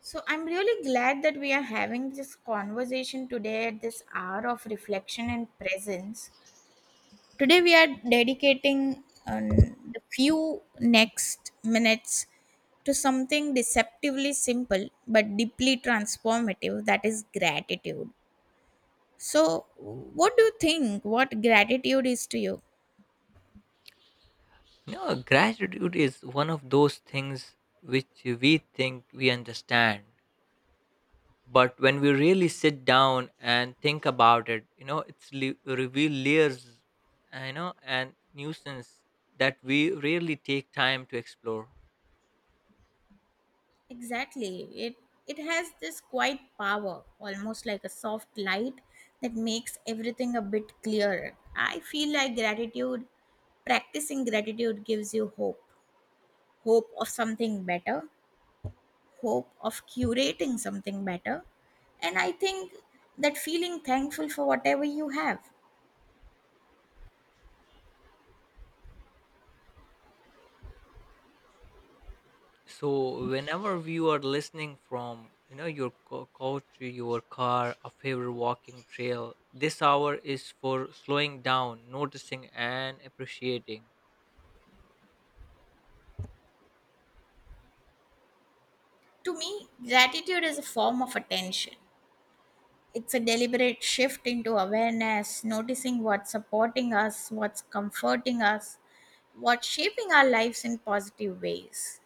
So I'm really glad that we are having this conversation today at this hour of reflection and presence. Today we are dedicating the few next minutes to something deceptively simple but deeply transformative that is gratitude. So what do you think what gratitude is to you? No, gratitude is one of those things which we think we understand, but when we really sit down and think about it, it's reveal layers and nuisance that we rarely take time to explore. Exactly. It has this quiet power, almost like a soft light that makes everything a bit clearer. I feel like gratitude, practicing gratitude gives you hope. Hope of something better, hope of curating something better. And I think that feeling thankful for whatever you have. So whenever you are listening from, your couch to your car, a favorite walking trail, this hour is for slowing down, noticing, and appreciating. To me, gratitude is a form of attention. It's a deliberate shift into awareness, noticing what's supporting us, what's comforting us, what's shaping our lives in positive ways.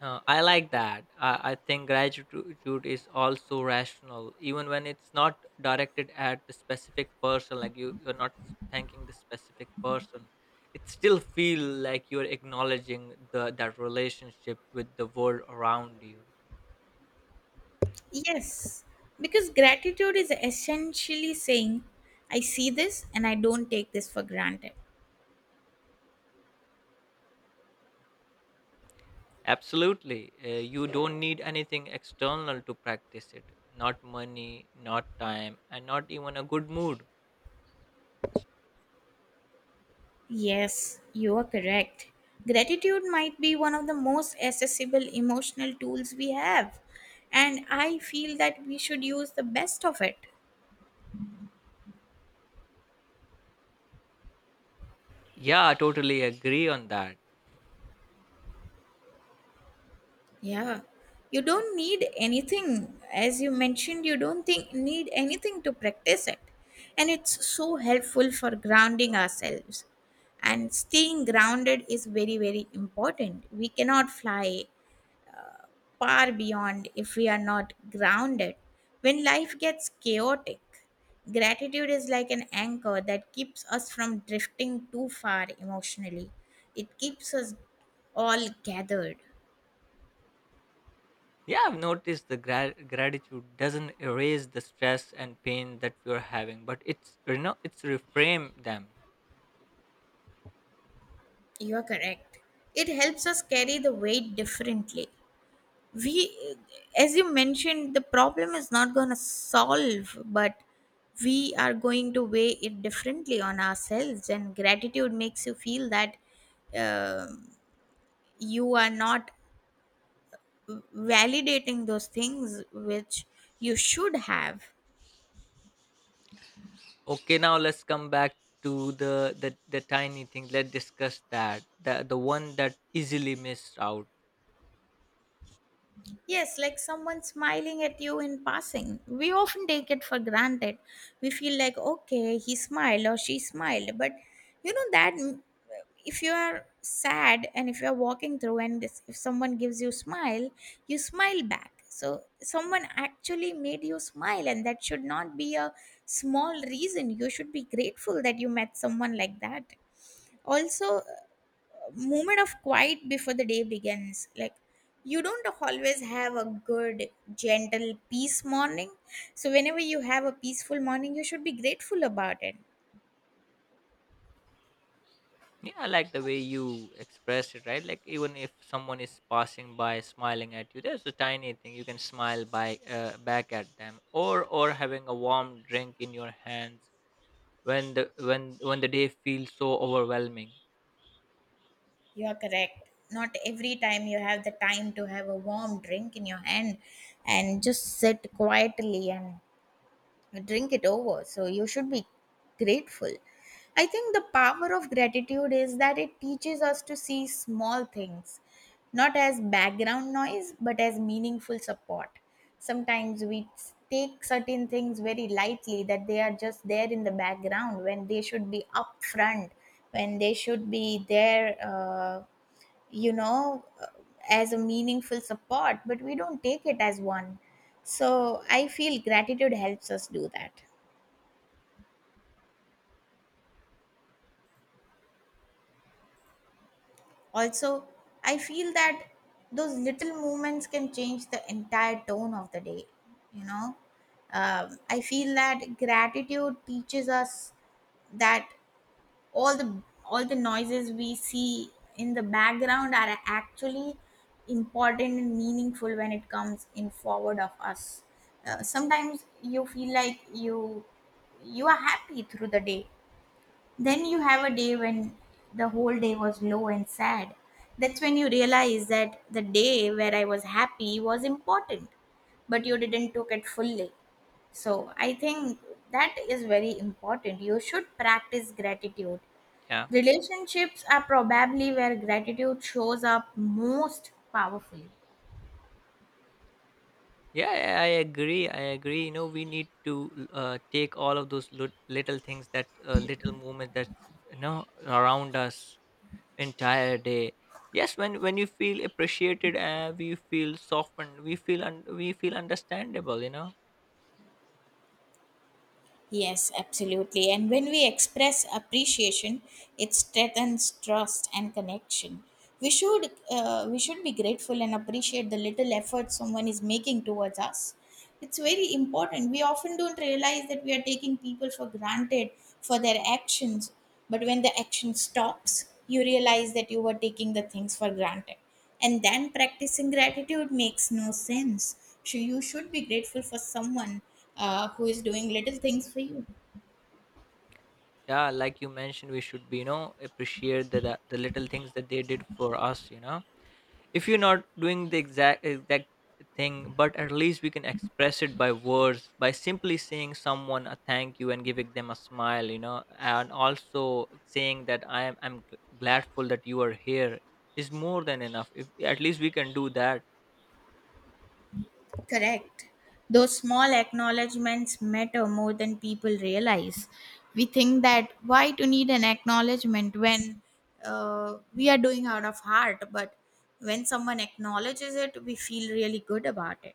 I like that. I think gratitude is also rational, even when it's not directed at the specific person. Like you're not thanking the specific person. It still feel like you're acknowledging the that relationship with the world around you. Yes, because gratitude is essentially saying, I see this and I don't take this for granted. Absolutely. You don't need anything external to practice it. Not money, not time, and not even a good mood. Yes, you are correct. Gratitude might be one of the most accessible emotional tools we have, and I feel that we should use the best of it. Yeah, I totally agree on that. Yeah, you don't need anything. As you mentioned, you don't think need anything to practice it. And it's so helpful for grounding ourselves. And staying grounded is very, very important. We cannot fly far beyond if we are not grounded. When life gets chaotic, gratitude is like an anchor that keeps us from drifting too far emotionally. It keeps us all gathered. Yeah, I've noticed the gratitude doesn't erase the stress and pain that we're having, but it's, it's reframe them. You are correct. It helps us carry the weight differently. We, as you mentioned, the problem is not going to solve, but we are going to weigh it differently on ourselves. And gratitude makes you feel that um you are not validating those things which you should have. Okay, now let's come back to the tiny thing. Let's discuss that the one that easily missed out. Yes, like someone smiling at you in passing. We often take it for granted. We feel like, okay, he smiled or she smiled. But you know that m- if you are sad and if you are walking through and this, if someone gives you smile back. So someone actually made you smile, and that should not be a small reason. You should be grateful that you met someone like that. Also, moment of quiet before the day begins. Like, you don't always have a good, gentle, peace morning. So, whenever you have a peaceful morning, you should be grateful about it. Yeah, I like the way you express it, right? Like even if someone is passing by, smiling at you, there's a tiny thing you can smile by, back at them, or having a warm drink in your hands when the day feels so overwhelming. You are correct. Not every time you have the time to have a warm drink in your hand and just sit quietly and drink it over. So you should be grateful. I think the power of gratitude is that it teaches us to see small things, not as background noise, but as meaningful support. Sometimes we take certain things very lightly, that they are just there in the background when they should be up front, when they should be there. You know uh, as a meaningful support, but we don't take it as one, so I feel gratitude helps us do that. Also, I feel that those little movements can change the entire tone of the day you know I feel that gratitude teaches us that all the noises we see in the background are actually important and meaningful when it comes in forward of us. Sometimes you feel like you are happy through the day, then you have a day when the whole day was low and sad. That's when you realize that the day where I was happy was important, but you didn't took it fully. So I think that is very important, you should practice gratitude. Yeah. Relationships are probably where gratitude shows up most powerfully. Yeah, I agree. I agree. You know, we need to take all of those little things, that little movement that's, around us entire day. Yes, when you feel appreciated, we feel softened. We feel we feel understandable. Yes, absolutely. And when we express appreciation, it strengthens trust and connection. We should be grateful and appreciate the little effort someone is making towards us. It's very important. We often don't realize that we are taking people for granted for their actions, but when the action stops, you realize that you were taking the things for granted. And then practicing gratitude makes no sense. So you should be grateful for someone who is doing little things for you. Yeah, like you mentioned, we should be, appreciate the little things that they did for us. You know, if you're not doing the exact thing, but at least we can express it by words, by simply saying someone a thank you and giving them a smile, and also saying that I'm gladful that you are here is more than enough if at least we can do that. Correct. Those small acknowledgements matter more than people realize. We think that why to need an acknowledgement when we are doing out of heart, but when someone acknowledges it, we feel really good about it.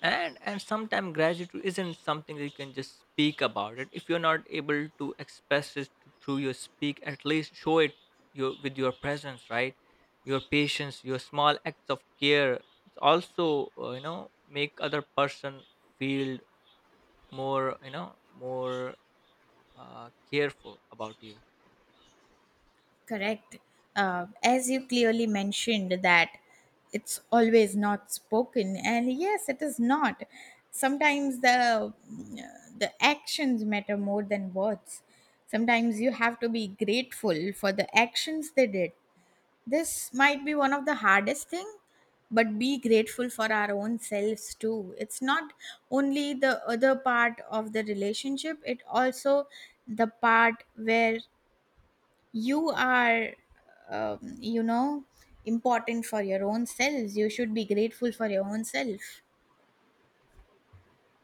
And sometimes gratitude isn't something that you can just speak about it. If you're not able to express it through your speak, at least show it, your with your presence, right? Your patience, your small acts of care. It's also, make other person feel more, more careful about you. Correct. As you clearly mentioned, that it's always not spoken, and yes, it is not. Sometimes the actions matter more than words. Sometimes you have to be grateful for the actions they did. This might be one of the hardest thing, but be grateful for our own selves too. It's not only the other part of the relationship; it also the part where you are um, you know important for your own selves, you should be grateful for your own self.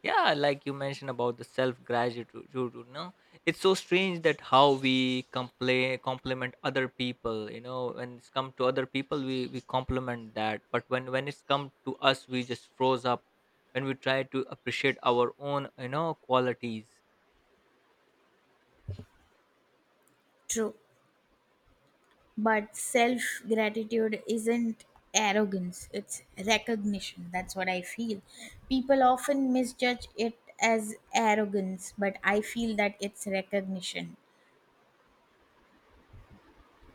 Yeah, like you mentioned about the self gratitude, it's so strange that how we complain compliment other people. You know, when it's come to other people, we compliment that, but when it's come to us, we just froze up when we try to appreciate our own, qualities. True. But self gratitude isn't arrogance, it's recognition. That's what I feel. People often misjudge it as arrogance, but I feel that it's recognition.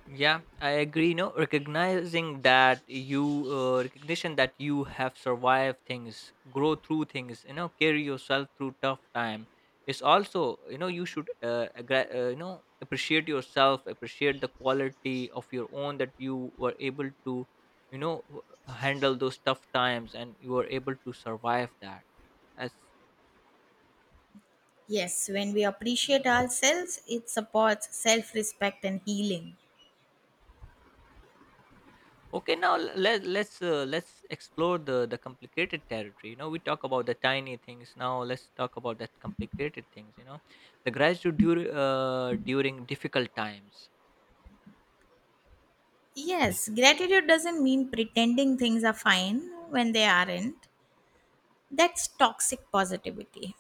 Yeah, I agree. No, recognizing that you recognition that you have survived things, grow through things, you know, carry yourself through tough time. It's also, you should appreciate yourself, appreciate the quality of your own that you were able to, you know w- handle those tough times and you were able to survive that. As. Yes, when we appreciate ourselves it supports self respect and healing. Okay, now let's let's explore the complicated territory. You know, we talk about the tiny things. Now let's talk about that complicated things. You know, the gratitude during difficult times. Yes, gratitude doesn't mean pretending things are fine when they aren't. That's toxic positivity.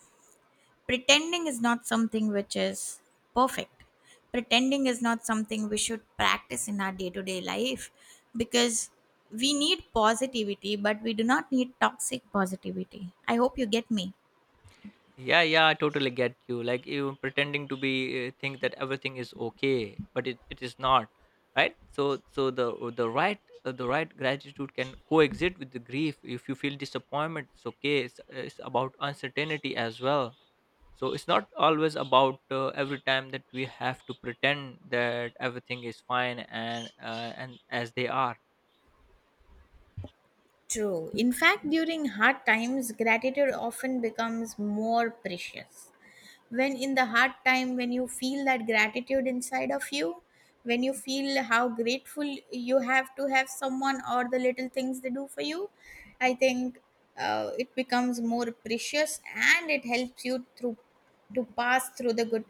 Pretending is not something which is perfect. Pretending is not something we should practice in our day to day life, because we need positivity, but we do not need toxic positivity. I hope you get me. Yeah, yeah, I totally get you. Like you pretending to be think that everything is okay, but it is not, right? So so the right gratitude can coexist with the grief. If you feel disappointment, it's okay. It's about uncertainty as well. So it's not always about, every time that we have to pretend that everything is fine and, and as they are. True. In fact, during hard times, gratitude often becomes more precious. When in the hard time, when you feel that gratitude inside of you, when you feel how grateful you have to have someone or the little things they do for you, I think it becomes more precious and it helps you through to pass through the good,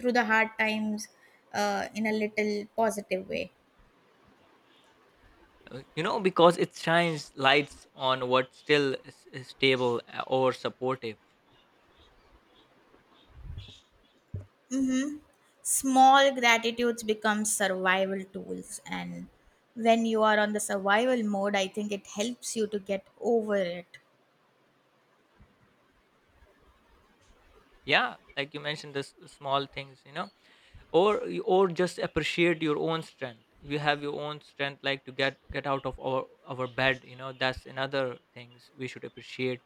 through the hard times in a little positive way. Because it shines lights on what's still is stable or supportive. Mm-hmm. Small gratitudes become survival tools, and when you are on the survival mode I think it helps you to get over it. Yeah, like you mentioned the small things, or or just appreciate your own strength. You have your own strength, like to get out of our bed, that's another things we should appreciate.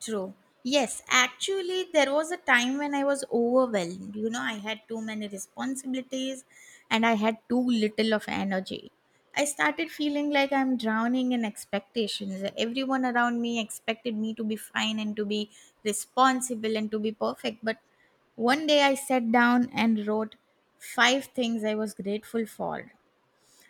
True. Yes, actually, there was a time when I was overwhelmed. You know, I had too many responsibilities and I had too little of energy. I started feeling like I'm drowning in expectations. Everyone around me expected me to be fine and to be responsible and to be perfect. But one day I sat down and wrote five things I was grateful for.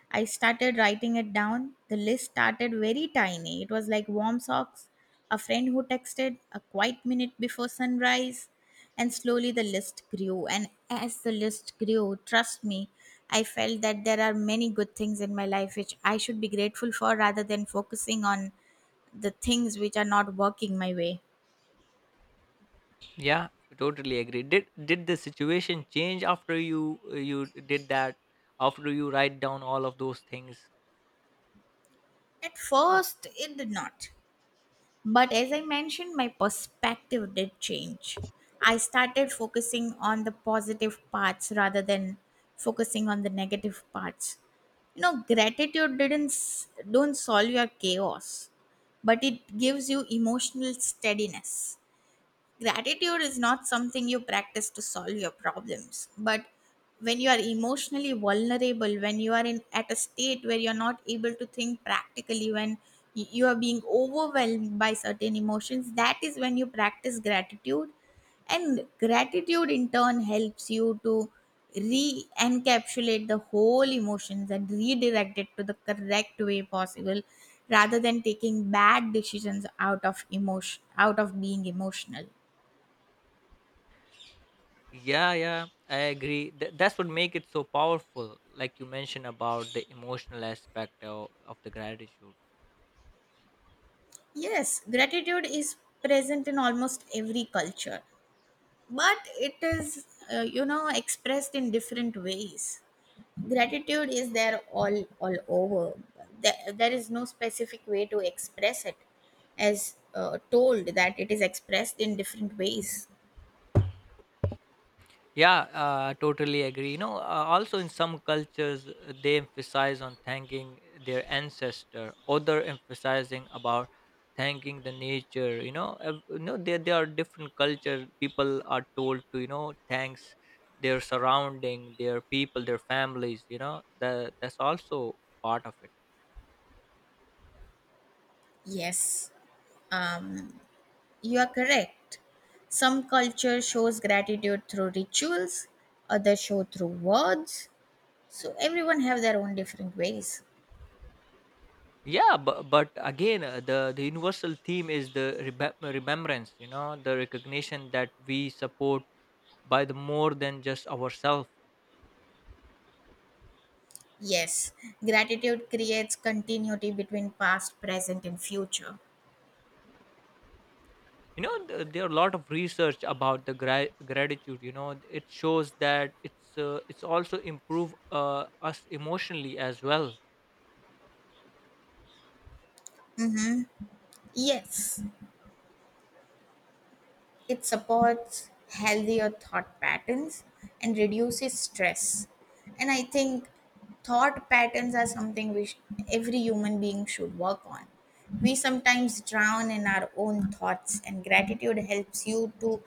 I started writing it down. The list started very tiny. It was like warm socks, a friend who texted, a quiet minute before sunrise. And slowly the list grew. And as the list grew, trust me, I felt that there are many good things in my life which I should be grateful for rather than focusing on the things which are not working my way. Yeah, totally agree. Did the situation change after you did that? After you write down all of those things? At first, it did not. But as I mentioned, my perspective did change. I started focusing on the positive parts rather than focusing on the negative parts. You know, gratitude didn't don't solve your chaos, but it gives you emotional steadiness. Gratitude is not something you practice to solve your problems, but when you are emotionally vulnerable, when you are in at a state where you're not able to think practically, when you are being overwhelmed by certain emotions, that is when you practice gratitude. And gratitude in turn helps you to re encapsulate the whole emotions and redirect it to the correct way possible, rather than taking bad decisions out of emotion, out of being emotional. Yeah, yeah, I agree. That's what make it so powerful. Like you mentioned about the emotional aspect of the gratitude. Yes, gratitude is present in almost every culture, but it is, expressed in different ways. Gratitude is there all over. There is no specific way to express it, as told that it is expressed in different ways. Yeah, totally agree. You know, also in some cultures, they emphasize on thanking their ancestor. Other emphasizing about thanking the nature. You know, there are different cultures. People are told to, thanks their surrounding, their people, their families. You know, that that's also part of it. Yes, um, you are correct. Some culture shows gratitude through rituals, others show through words. So everyone have their own different ways. Yeah, but again, the universal theme is the remembrance. You know, the recognition that we support by the more than just ourselves. Yes, gratitude creates continuity between past, present, and future. You know, there are a lot of research about the gratitude. You know, it shows that it's, it's also improve us emotionally as well. Yes, it supports healthier thought patterns and reduces stress. And I think thought patterns are something which every human being should work on. We sometimes drown in our own thoughts, and gratitude helps you to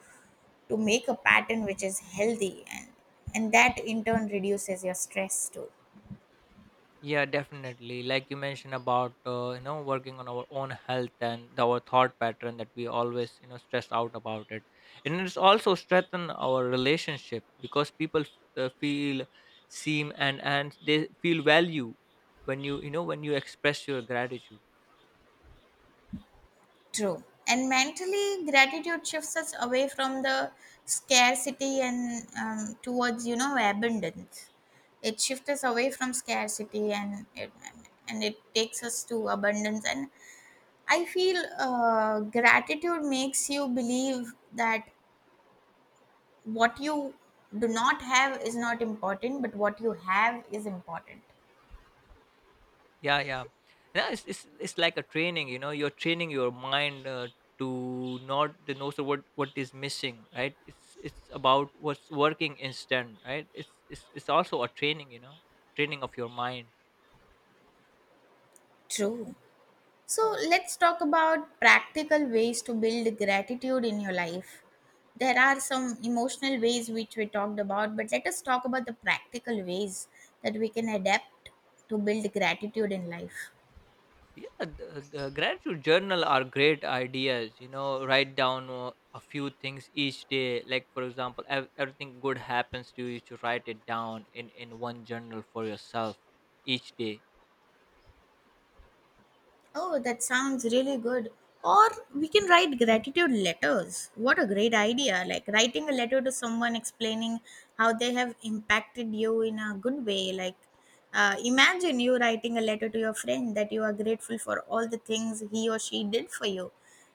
to make a pattern which is healthy, and that in turn reduces your stress too. Yeah, definitely, like you mentioned about, working on our own health and our thought pattern that we always, stress out about it. And it's also strengthen our relationship because people feel seem and they feel value when you know when you express your gratitude. True. And mentally, gratitude shifts us away from the scarcity and towards abundance. It shifts us away from scarcity, and it takes us to abundance. And I feel gratitude makes you believe that what you do not have is not important, but what you have is important. Yeah, yeah. Yeah, it's like a training, you know. You're training your mind to not to know so what is missing, right? It's about what's working instead, right? It's also a training, you know, training of your mind. True. So let's talk about practical ways to build gratitude in your life. There are some emotional ways which we talked about, but let us talk about the practical ways that we can adapt to build gratitude in life. Yeah, the gratitude journal are great ideas. You know, write down a few things each day. Like for example, everything good happens to you. To write it down in one journal for yourself each day. Oh, that sounds really good. Or we can write gratitude letters. What a great idea! Like writing a letter to someone explaining how they have impacted you in a good way. Like, imagine you writing a letter to your friend that you are grateful for all the things he or she did for you.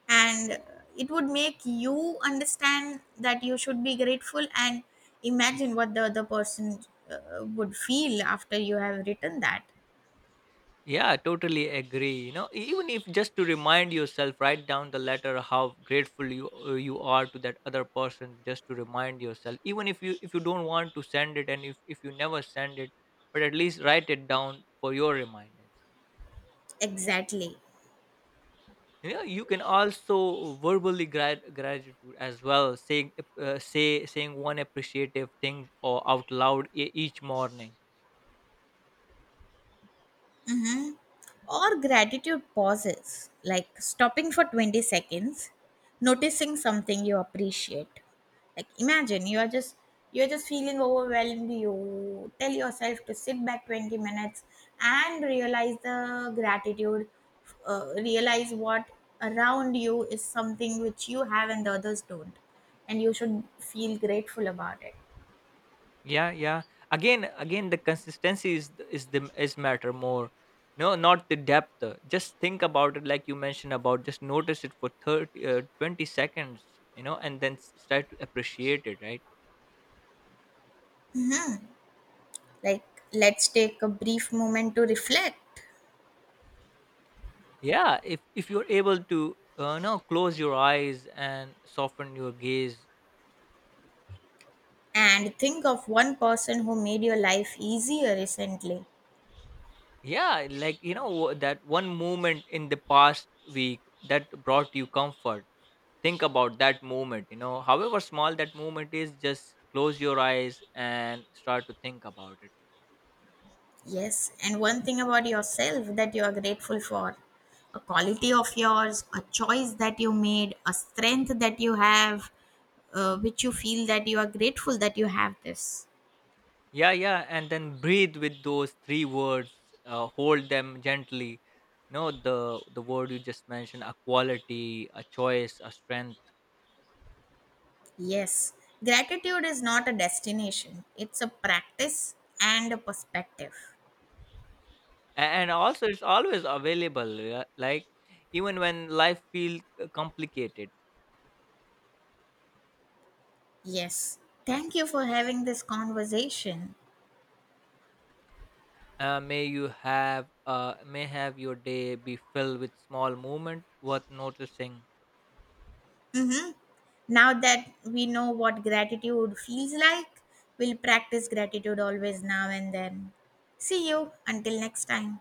And it would make you understand that you should be grateful, and imagine what the other person would feel after you have written that. Yeah, totally agree. You know, e, even if just to remind yourself, write down the letter how grateful you are to that other person. Just to remind yourself, even if you, if you don't want to send it and if you never send it, but at least write it down for your reminders. Exactly. You know, you can also verbally gratitude as well, saying saying one appreciative thing or out loud each morning. Or gratitude pauses, like stopping for 20 seconds, noticing something you appreciate. Like imagine you are just feeling overwhelmed. You tell yourself to sit back 20 minutes and realize the gratitude. Realize what around you is something which you have and the others don't, and you should feel grateful about it. Yeah, yeah, again the consistency is the is matter more. No, not the depth. Just think about it, like you mentioned about just notice it for 30 20 seconds, you know, and then start to appreciate it, right? Like, let's take a brief moment to reflect. Yeah, if you're able to, no, close your eyes and soften your gaze. And think of one person who made your life easier recently. Yeah, like you know that one moment in the past week that brought you comfort. Think about that moment, you know, however small that moment is, just close your eyes and start to think about it. Yes, and one thing about yourself that you are grateful for, a quality of yours, a choice that you made, a strength that you have, which you feel that you are grateful that you have this. Yeah, yeah, and then breathe with those three words. Hold them gently, you know, the word you just mentioned: a quality, a choice, a strength. Yes, gratitude is not a destination, it's a practice and a perspective. And also it's always available, yeah? Like even when life feels complicated. Yes, thank you for having this conversation. May you have, may have your day be filled with small movement worth noticing. Now that we know what gratitude feels like, we'll practice gratitude always now and then. See you until next time.